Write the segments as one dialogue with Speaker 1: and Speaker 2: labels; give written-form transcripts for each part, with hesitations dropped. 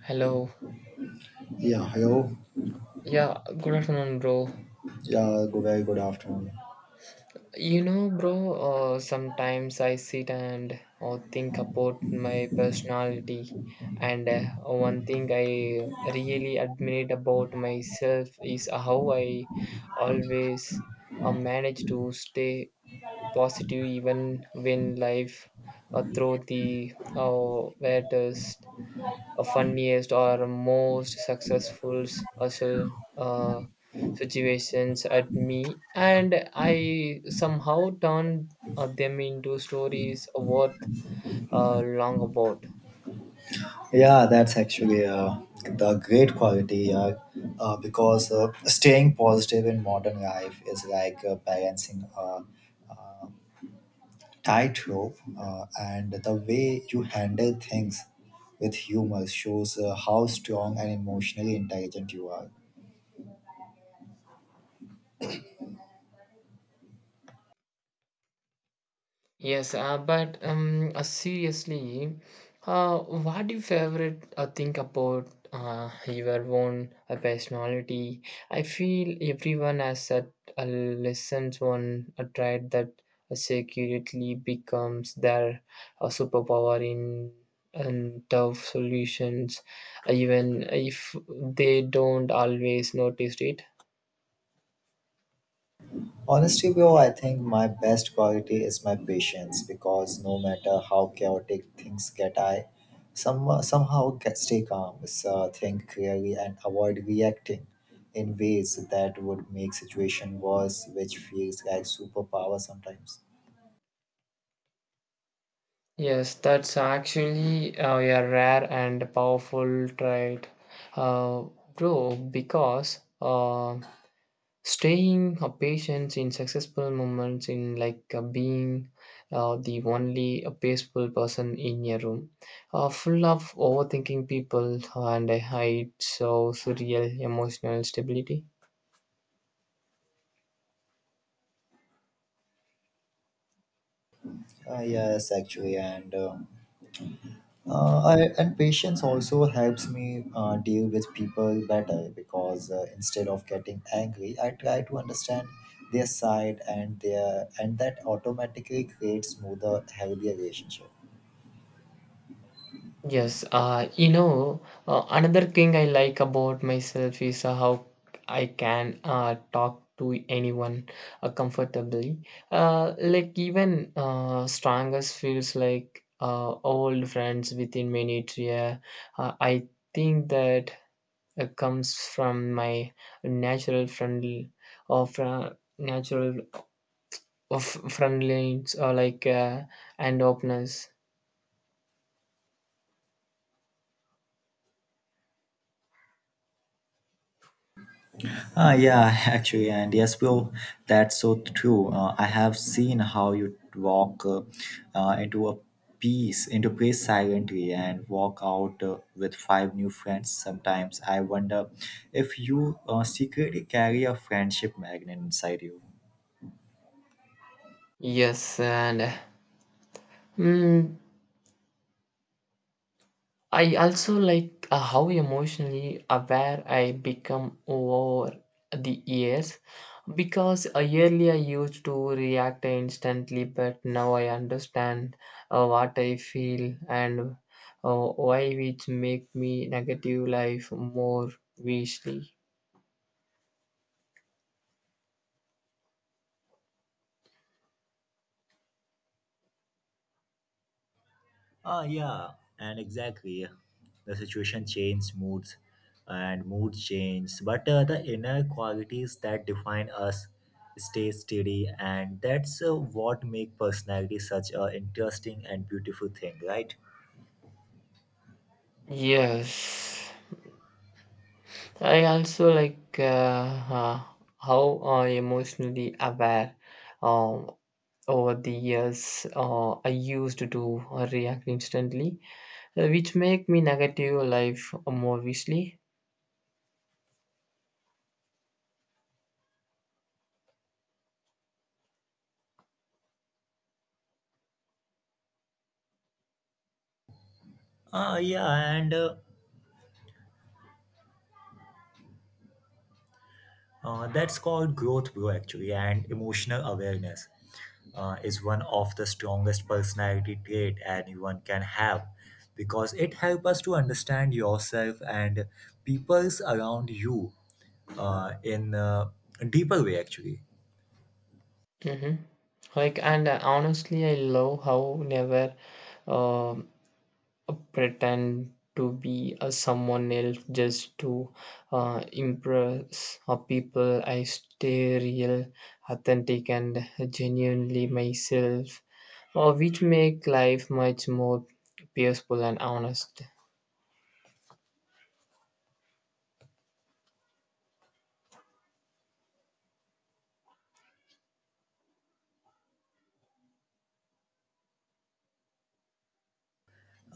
Speaker 1: Hello.
Speaker 2: Yeah, hello.
Speaker 1: Yeah, good afternoon, bro.
Speaker 2: Yeah, good, very good afternoon.
Speaker 1: You know, bro, sometimes I sit and think about my personality, and one thing I really admire about myself is how I always manage to stay positive even when life throws the a funniest or most successful hustle situations at me and I somehow turned them into stories worth long about.
Speaker 2: Yeah, that's actually the great quality because staying positive in modern life is like balancing a tightrope, and the way you handle things with humor shows how strong and emotionally intelligent you are.
Speaker 1: Yes, but seriously, what do you favorite think about your own personality? I feel everyone has that lessons one tried that secretly becomes their superpower in and tough solutions, even if they don't always notice it.
Speaker 2: Honestly, bro, I think my best quality is my patience because no matter how chaotic things get, I stay calm, so think clearly, and avoid reacting in ways that would make situation worse, which feels like superpower sometimes.
Speaker 1: Yes, that's actually a rare and powerful trait, uh, bro, because staying a patient in successful moments in like being the only peaceful person in a room, full of overthinking people and a height so surreal emotional stability.
Speaker 2: Yes, actually, and patience also helps me deal with people better because instead of getting angry, I try to understand their side and that automatically creates smoother, healthier relationship.
Speaker 1: Yes, you know, another thing I like about myself is how I can talk to anyone comfortably. Like even strangers feels like old friends within minutes. Yeah, I think that comes from my natural friendly or from natural of friendliness or like and openness.
Speaker 2: Yeah, actually, and yes, well, that's so true. I have seen how you walk into into place silently, and walk out with five new friends. Sometimes I wonder if you secretly carry a friendship magnet inside you.
Speaker 1: Yes, and. Mm, I also like how emotionally aware I become over the years because earlier I used to react instantly, but now I understand what I feel and why it make me negative life more wisely.
Speaker 2: Ah, yeah, and exactly. The situation changes moods, and mood changes, but the inner qualities that define us stay steady, and that's what make personality such a interesting and beautiful thing, right?
Speaker 1: Yes, I also like uh, how emotionally aware. Um, Over the years I used to react instantly which make me negative life more easily.
Speaker 2: Ah, yeah, and that's called growth, bro. Actually, and emotional awareness is one of the strongest personality trait anyone can have because it helps us to understand yourself and peoples around you in a deeper way actually.
Speaker 1: Hmm. Like and honestly I love how never uh, pretend to be a someone else just to impress people, I stay real, authentic and genuinely myself, which make life much more peaceful and honest.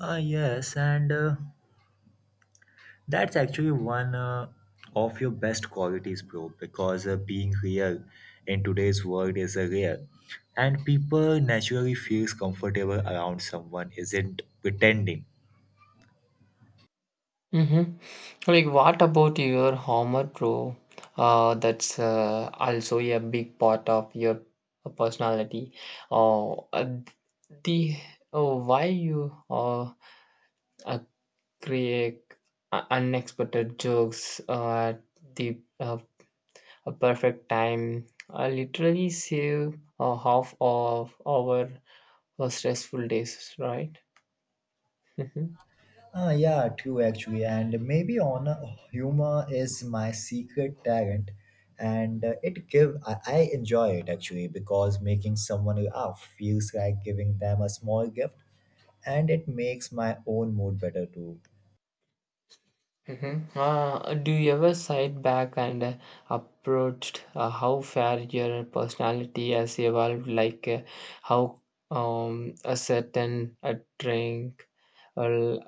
Speaker 2: Yes, and that's actually one of your best qualities bro because being real in today's world is a rare and people naturally feels comfortable around someone isn't pretending.
Speaker 1: Mm-hmm. Like, what about your Homer Pro? That's also a big part of your personality. Uh, uh, the why you uh, create unexpected jokes at the a perfect time. Literally save half of our stressful days, right?
Speaker 2: Ah, yeah, true actually, and maybe on humor is my secret talent, and I enjoy it actually because making someone laugh feels like giving them a small gift, and it makes my own mood better too.
Speaker 1: Mhm. Do you ever sit back and approached how far your personality has evolved, like how a certain a drink or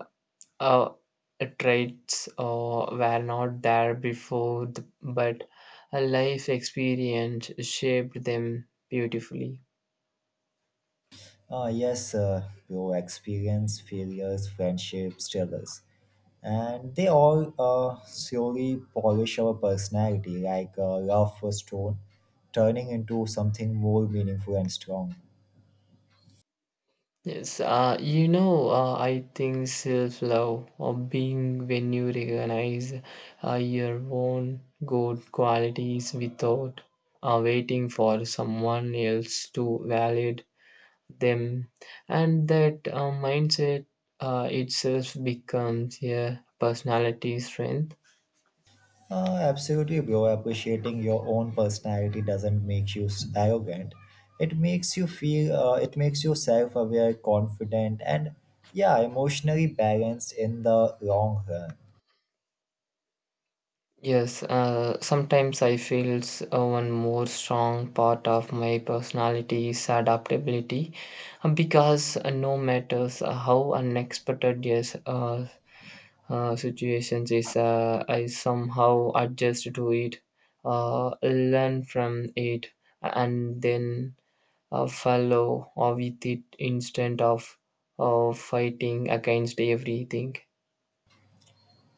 Speaker 1: uh, traits were not there before, the, but a life experience shaped them beautifully?
Speaker 2: Ah, yes, your experience, failures, friendships, struggles, and they all slowly polish our personality like a rough stone, turning into something more meaningful and strong.
Speaker 1: Yes, you know, I think self love or being when you recognize your own good qualities without waiting for someone else to validate them, and that mindset itself becomes a personality strength.
Speaker 2: Absolutely, bro. Appreciating your own personality doesn't make you arrogant. It makes you feel. It makes you self-aware, confident, and yeah, emotionally balanced in the long run.
Speaker 1: Yes, sometimes I feel one more strong part of my personality is adaptability because no matters how unexpected yes, situations is, I somehow adjust to it, learn from it, and then follow with it instead of fighting against everything.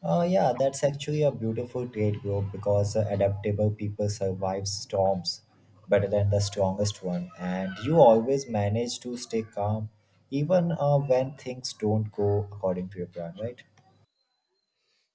Speaker 2: Yeah, that's actually a beautiful trait, bro. Because adaptable people survive storms better than the strongest one, and you always manage to stay calm even when things don't go according to your plan, right?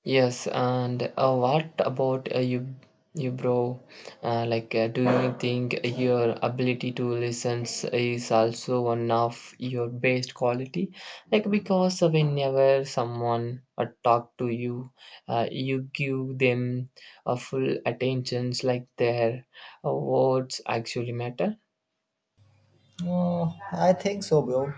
Speaker 1: Yes, and what about you, bro? Like, do you think your ability to listen is also one of your best quality? Like, because whenever someone talk to you, you give them a full attention. Like their words actually matter.
Speaker 2: Uh, I think so, bro.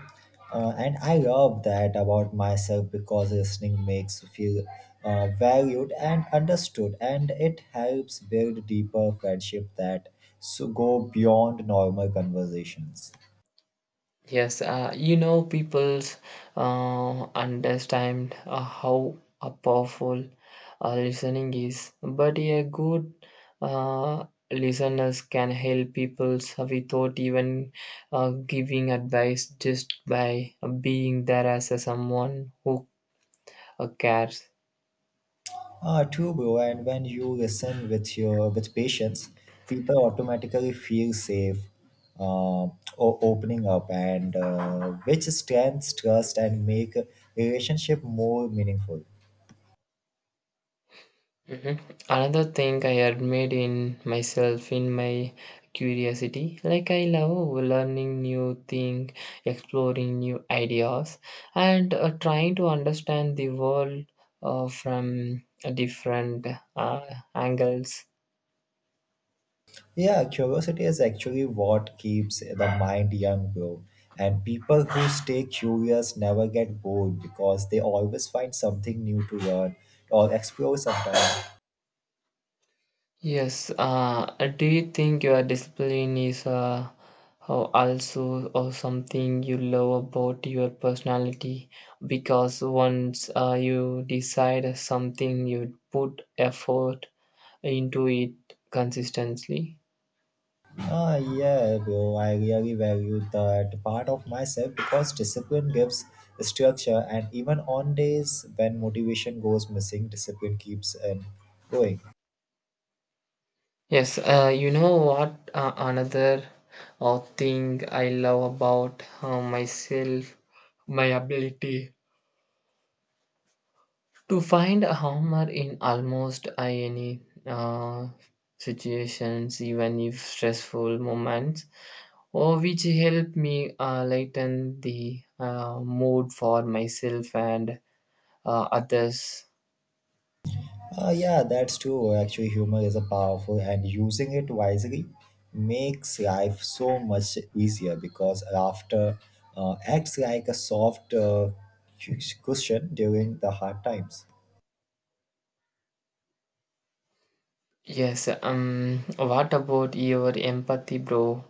Speaker 2: And I love that about myself because listening makes you feel valued and understood, and it helps build deeper friendship that so go beyond normal conversations.
Speaker 1: Yes, you know, people's understand how powerful listening is, but a good uh, listeners can help people without even giving advice just by being there as a someone who cares.
Speaker 2: True, bro. And when you listen with patience, people automatically feel safe, uh, o- opening up, and which strengthens trust and make a relationship more meaningful.
Speaker 1: Mhm. Another thing I admire in myself in my curiosity, like I love learning new things, exploring new ideas, and trying to understand the world from different uh, angles.
Speaker 2: Yeah, curiosity is actually what keeps the mind young, bro. And people who stay curious never get bored because they always find something new to learn or explore sometimes.
Speaker 1: Yes, do you think your discipline is oh, also or something you love about your personality? Because once you decide something, you put effort into it consistently.
Speaker 2: Ah, yeah, bro, I really value that part of myself because discipline gives structure, and even on days when motivation goes missing, discipline keeps and going.
Speaker 1: Yes, you know what? Another thing I love about myself, my ability to find a humor in almost any uh, situations, even if stressful moments, or which help me lighten the mood for myself and others.
Speaker 2: Yeah, that's true. Actually, humor is a powerful, and using it wisely makes life so much easier because laughter acts like a soft cushion during the hard times.
Speaker 1: Yes, what about your empathy, bro?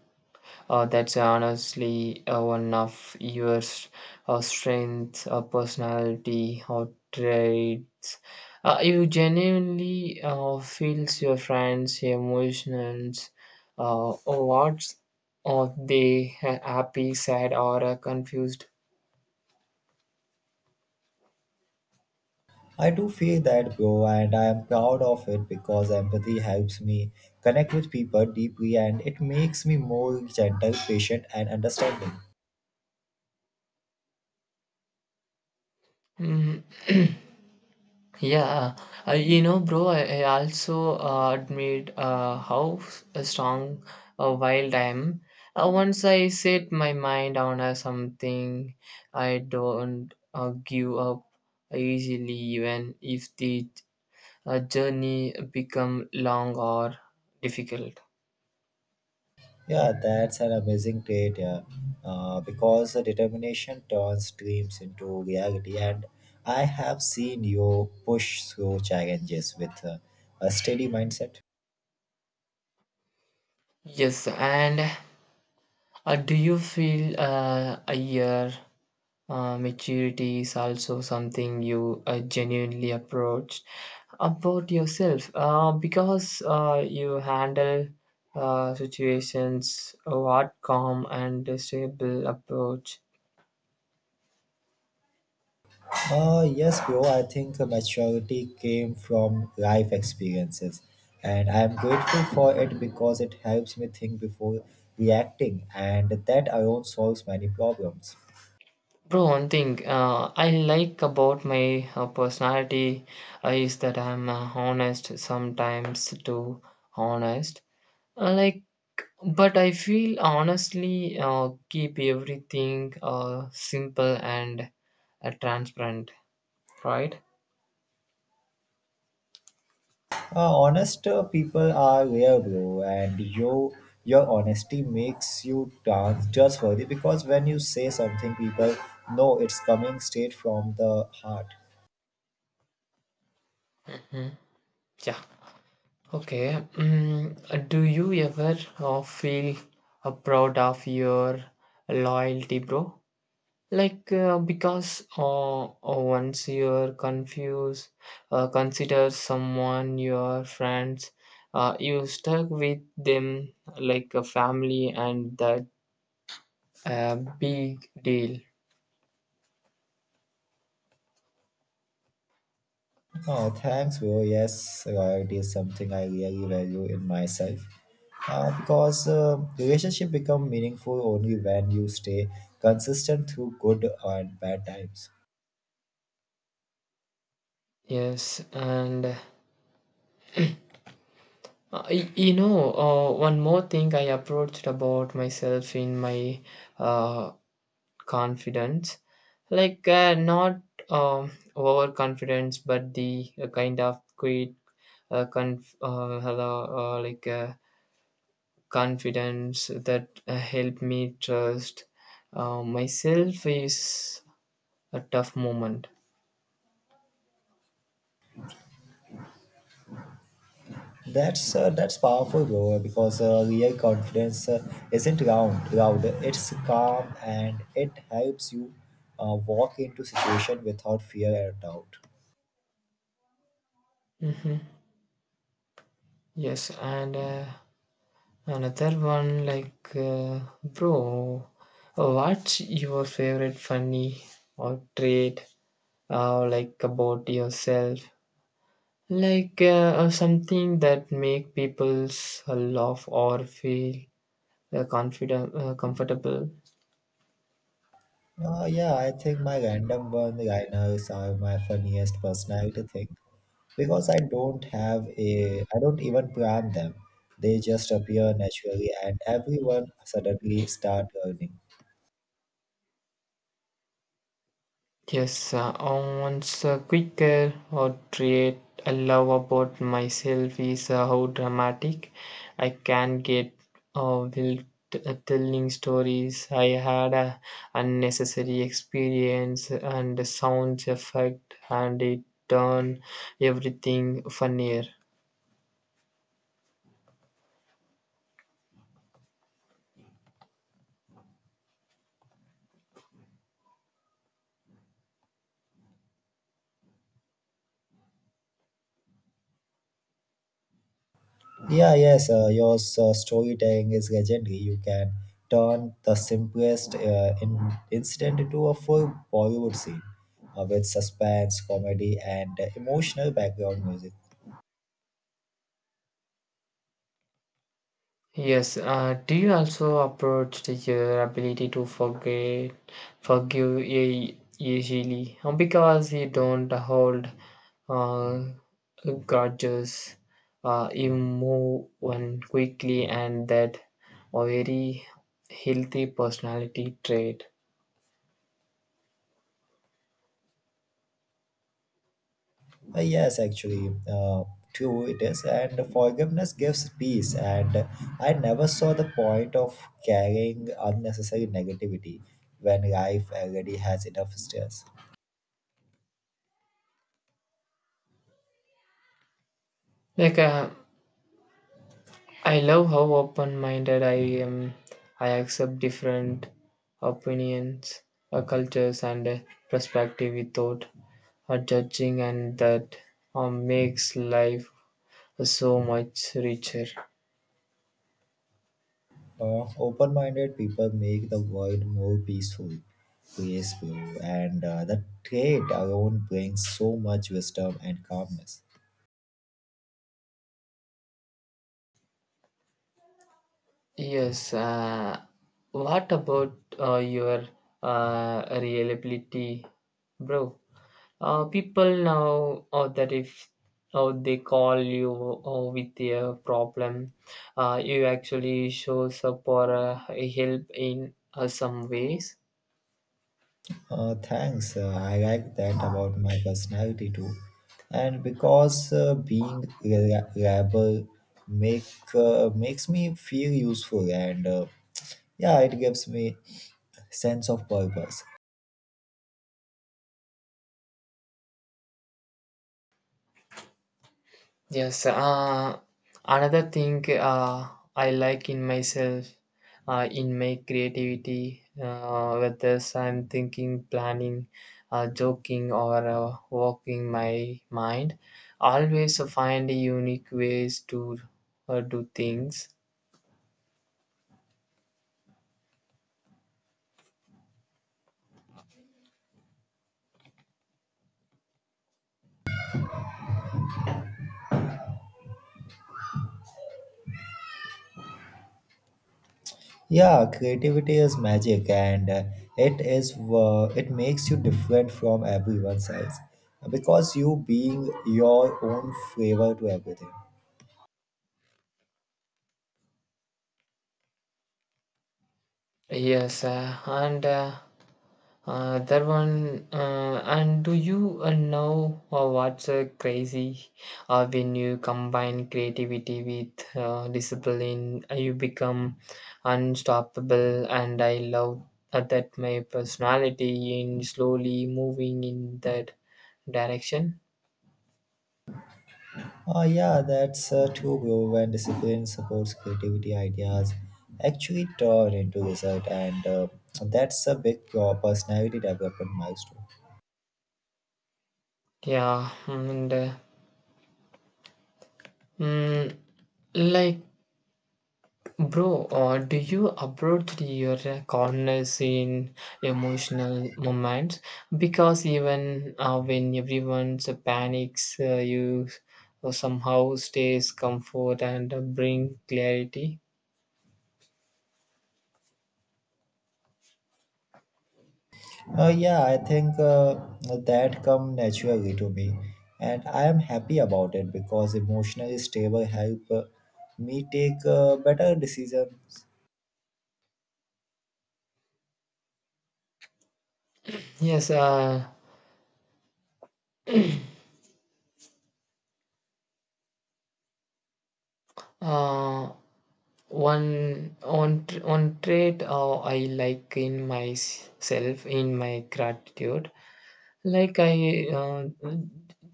Speaker 1: That's honestly one of your strengths, personality, or traits. You genuinely feels your friends' emotions. What's are they happy, sad, or confused?
Speaker 2: I do feel that, bro, and I am proud of it because empathy helps me connect with people deeply and it makes me more gentle, patient, and understanding.
Speaker 1: Mhm. Yeah, you know, bro, I also admit how strong wild I am. Once I set my mind on something, I don't give up easily, even if the journey become long or difficult.
Speaker 2: Yeah, that's an amazing trait. Yeah, because the determination turns dreams into reality, and I have seen you push through challenges with a steady mindset.
Speaker 1: Yes, and do you feel a year? Maturity is also something you genuinely approach about yourself because you handle situations what calm and stable approach.
Speaker 2: Yes, bro. I think maturity came from life experiences, and I am grateful for it because it helps me think before reacting, and that alone solves many problems.
Speaker 1: Bro, one thing I like about my personality is that I'm honest, sometimes too honest. Like, but I feel honestly keep everything simple and transparent, right?
Speaker 2: Honest people are rare, bro, and your honesty makes you dance just worthy because when you say something, people know it's coming straight from the heart.
Speaker 1: Mhm. Yeah, okay. mm, do you ever feel proud of your loyalty, bro? Like because once you're confused consider someone your friends, you stuck with them like a family, and that a big deal.
Speaker 2: Oh, thanks, bro. Yes, loyalty is something I really value in myself. Because relationship become meaningful only when you stay consistent through good and bad times.
Speaker 1: Yes, and you know, one more thing I approached about myself in my uh, confidence, like not um, overconfidence, but the kind of great hello, like confidence that help me trust myself is a tough moment.
Speaker 2: That's powerful, bro. Because real confidence isn't round, loud. It's calm, and it helps you walk into situation without fear and doubt.
Speaker 1: Hmm. Yes, and. Another one, like, bro, what's your favorite funny or trait like about yourself? Like something that make people laugh or feel confident, comfortable.
Speaker 2: Yeah, I think my random one-liners are my funniest personality thing because I don't even plan them. They just appear naturally, and everyone suddenly start learning.
Speaker 1: Yes, once a quick portrait I love about myself is how dramatic I can get uh, while t- telling stories. I had a unnecessary experience and the sound effect, and it turned everything funnier.
Speaker 2: Yeah, yes, your storytelling is legendary. You can turn the simplest incident into a full Bollywood scene with suspense, comedy, and emotional background music.
Speaker 1: Yes, do you also approach the, your ability to forget, forgive easily? Because you don't hold uh, grudges, you move on quickly, and that a very healthy personality trait.
Speaker 2: Yes, actually, true it is. And forgiveness gives peace. And I never saw the point of carrying unnecessary negativity when life already has enough stress.
Speaker 1: Like I love how open minded I am. I accept different opinions, cultures, and perspective without judging, and that makes life so much richer.
Speaker 2: Open minded people make the world more peaceful, graceful, and that trait alone brings so much wisdom and calmness.
Speaker 1: Yes. What about your reliability, bro? People now that if they call you with a problem, you actually shows up or help in some ways.
Speaker 2: Thanks, I like that about my personality too. And because rebel make, makes me feel useful and yeah, it gives me sense of purpose.
Speaker 1: Yes, another thing I like in myself, in my creativity, whether I'm thinking, planning, joking, or working my mind, always find unique ways to do things.
Speaker 2: Yeah, creativity is magic, and it makes you different from everyone else because you being your own flavor to everything.
Speaker 1: Yes, and that one, and do you know what's crazy? When you combine creativity with discipline, you become unstoppable. And I love that my personality in slowly moving in that direction.
Speaker 2: Oh yeah, that's true, bro. When discipline supports creativity, ideas actually turn into result, and that's a big personality development milestone.
Speaker 1: Yeah, and mm, like, bro, do you approach your corners in emotional moments? Because even when everyone panics, you somehow stays comfort and bring clarity.
Speaker 2: Yeah, I think that come naturally to me, and I am happy about it because emotionally stable help me take better decisions.
Speaker 1: Yes, uh, one trait I like in myself in my gratitude. Like I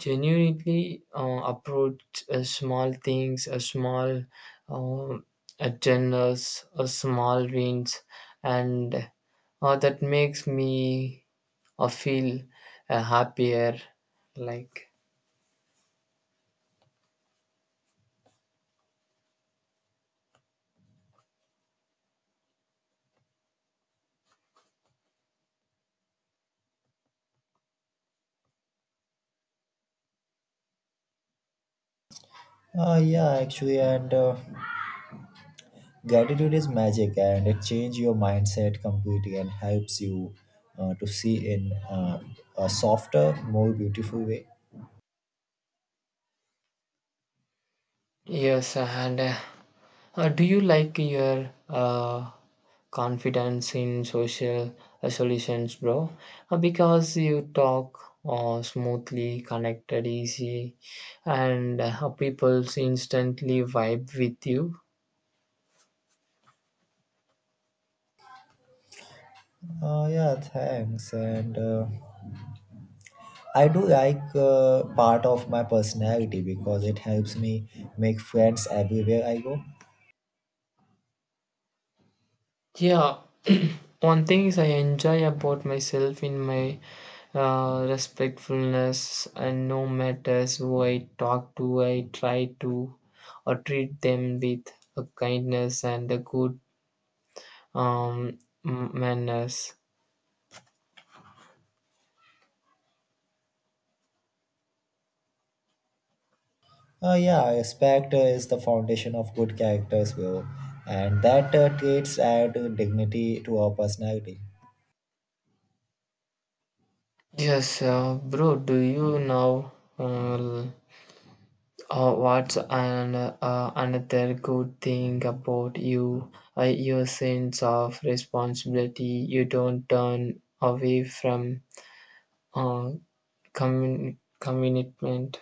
Speaker 1: genuinely approach small things, a small uh, agendas, a small wins, and that makes me feel happier. Like.
Speaker 2: Yeah, actually, and gratitude is magic, and it changes your mindset completely and helps you to see in a softer, more beautiful way.
Speaker 1: Yes, and do you like your confidence in social solutions, bro? Because you talk smoothly, connected, easy, and people instantly vibe with you.
Speaker 2: Yeah, thanks, and. I do like part of my personality because it helps me make friends everywhere I go.
Speaker 1: Yeah, one thing is I enjoy about myself in my respectfulness, and no matters who I talk to, I try to or treat them with a kindness and a good um, manners.
Speaker 2: Yeah, respect is the foundation of good characters, bro, and that traits add dignity to our personality.
Speaker 1: Yes, bro. Do you know uh, what's an another good thing about you? Your sense of responsibility. You don't turn away from on commitment.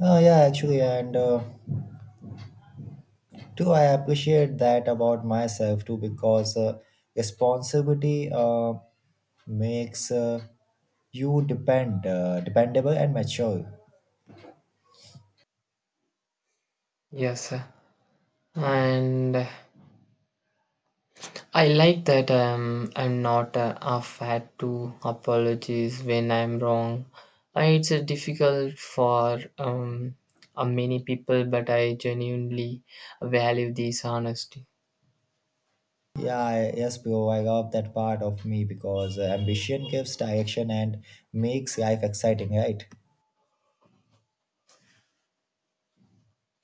Speaker 2: Yeah, actually, and too, I appreciate that about myself too because responsibility makes you dependable and mature.
Speaker 1: Yes, sir. And I like that I'm not afraid to apologize when I'm wrong. It's difficult for many people, but I genuinely value this honesty.
Speaker 2: Yeah, yes, bro. I love that part of me because ambition gives direction and makes life exciting, right?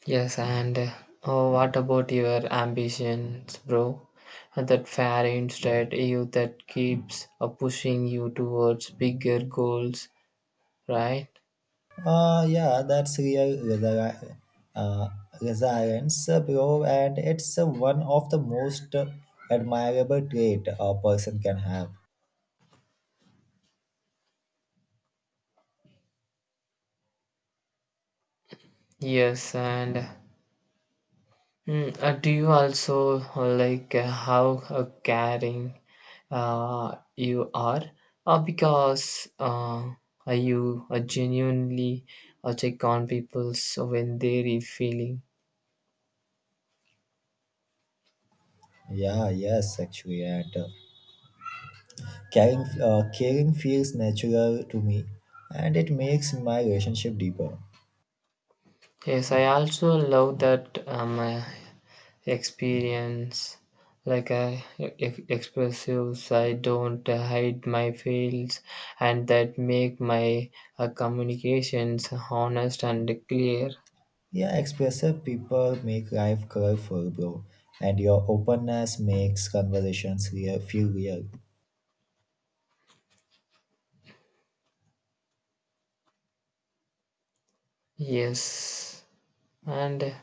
Speaker 1: Yes, and oh, what about your ambitions, bro? That fair instead you that keeps pushing you towards bigger goals, right?
Speaker 2: Yeah, that's real uh, resilience, bro. And it's one of the most admirable trait a person can have.
Speaker 1: Yes, and do you also like how caring you are? Because you genuinely check on people so when they're feeling.
Speaker 2: Yeah, yes, actually, and caring feels natural to me, and it makes my relationship deeper.
Speaker 1: Yes, I also love that experience. Like I expressive, I don't hide my feelings, and that make my communications honest and clear.
Speaker 2: Yeah, expressive people make life colorful, bro. And your openness makes conversations feel real.
Speaker 1: Yes. And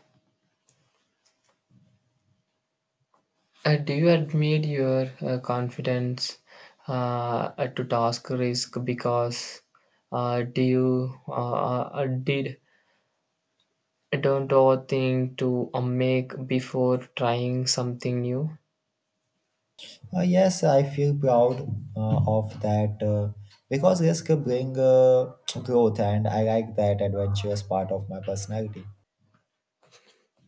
Speaker 1: do you admit your confidence to task risk because do you did don't overthink to make before trying something new?
Speaker 2: Yes, I feel proud of that because risk bring growth, and I like that adventurous part of my personality.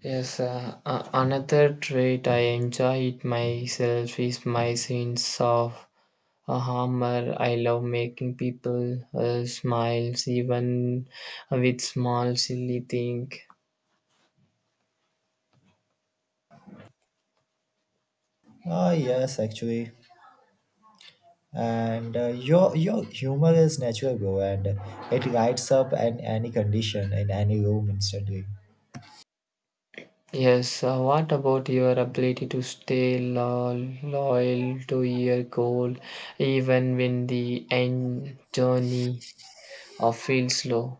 Speaker 1: Yes, another trait I enjoy it myself is my sense of humor. I love making people smiles even with small silly thing.
Speaker 2: Yes, actually, and your humor is natural, bro, and it lights up any condition in any room instantly.
Speaker 1: Yes, what about your ability to stay loyal to your goal even when the end journey feels slow?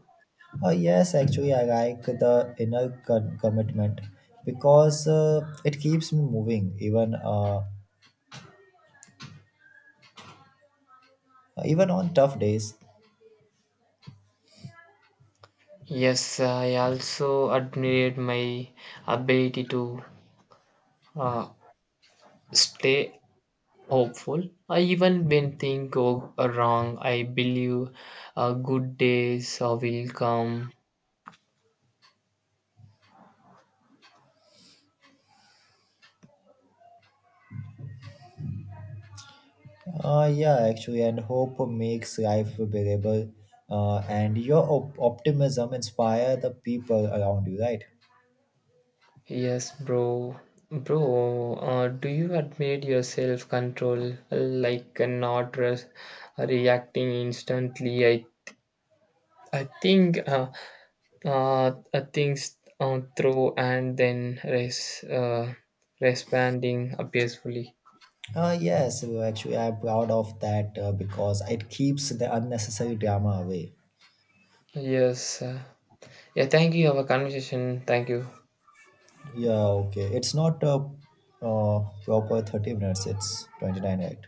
Speaker 2: Yes, actually, I like the inner commitment because it keeps me moving even on tough days.
Speaker 1: Yes, I also admired my ability to uh, stay hopeful. Even when things go wrong, I believe good days will come.
Speaker 2: Yeah, actually, and hope makes life bearable, and your optimism inspire the people around you, right?
Speaker 1: Yes, bro. Bro, do you admit your self control like not reacting instantly? I think things through and then responding peacefully.
Speaker 2: Yes, well, actually, I'm proud of that because it keeps the unnecessary drama away.
Speaker 1: Yes. Yeah, thank you. Our conversation. Thank you.
Speaker 2: Yeah, okay, it's not a proper 30 minutes; it's 29, right?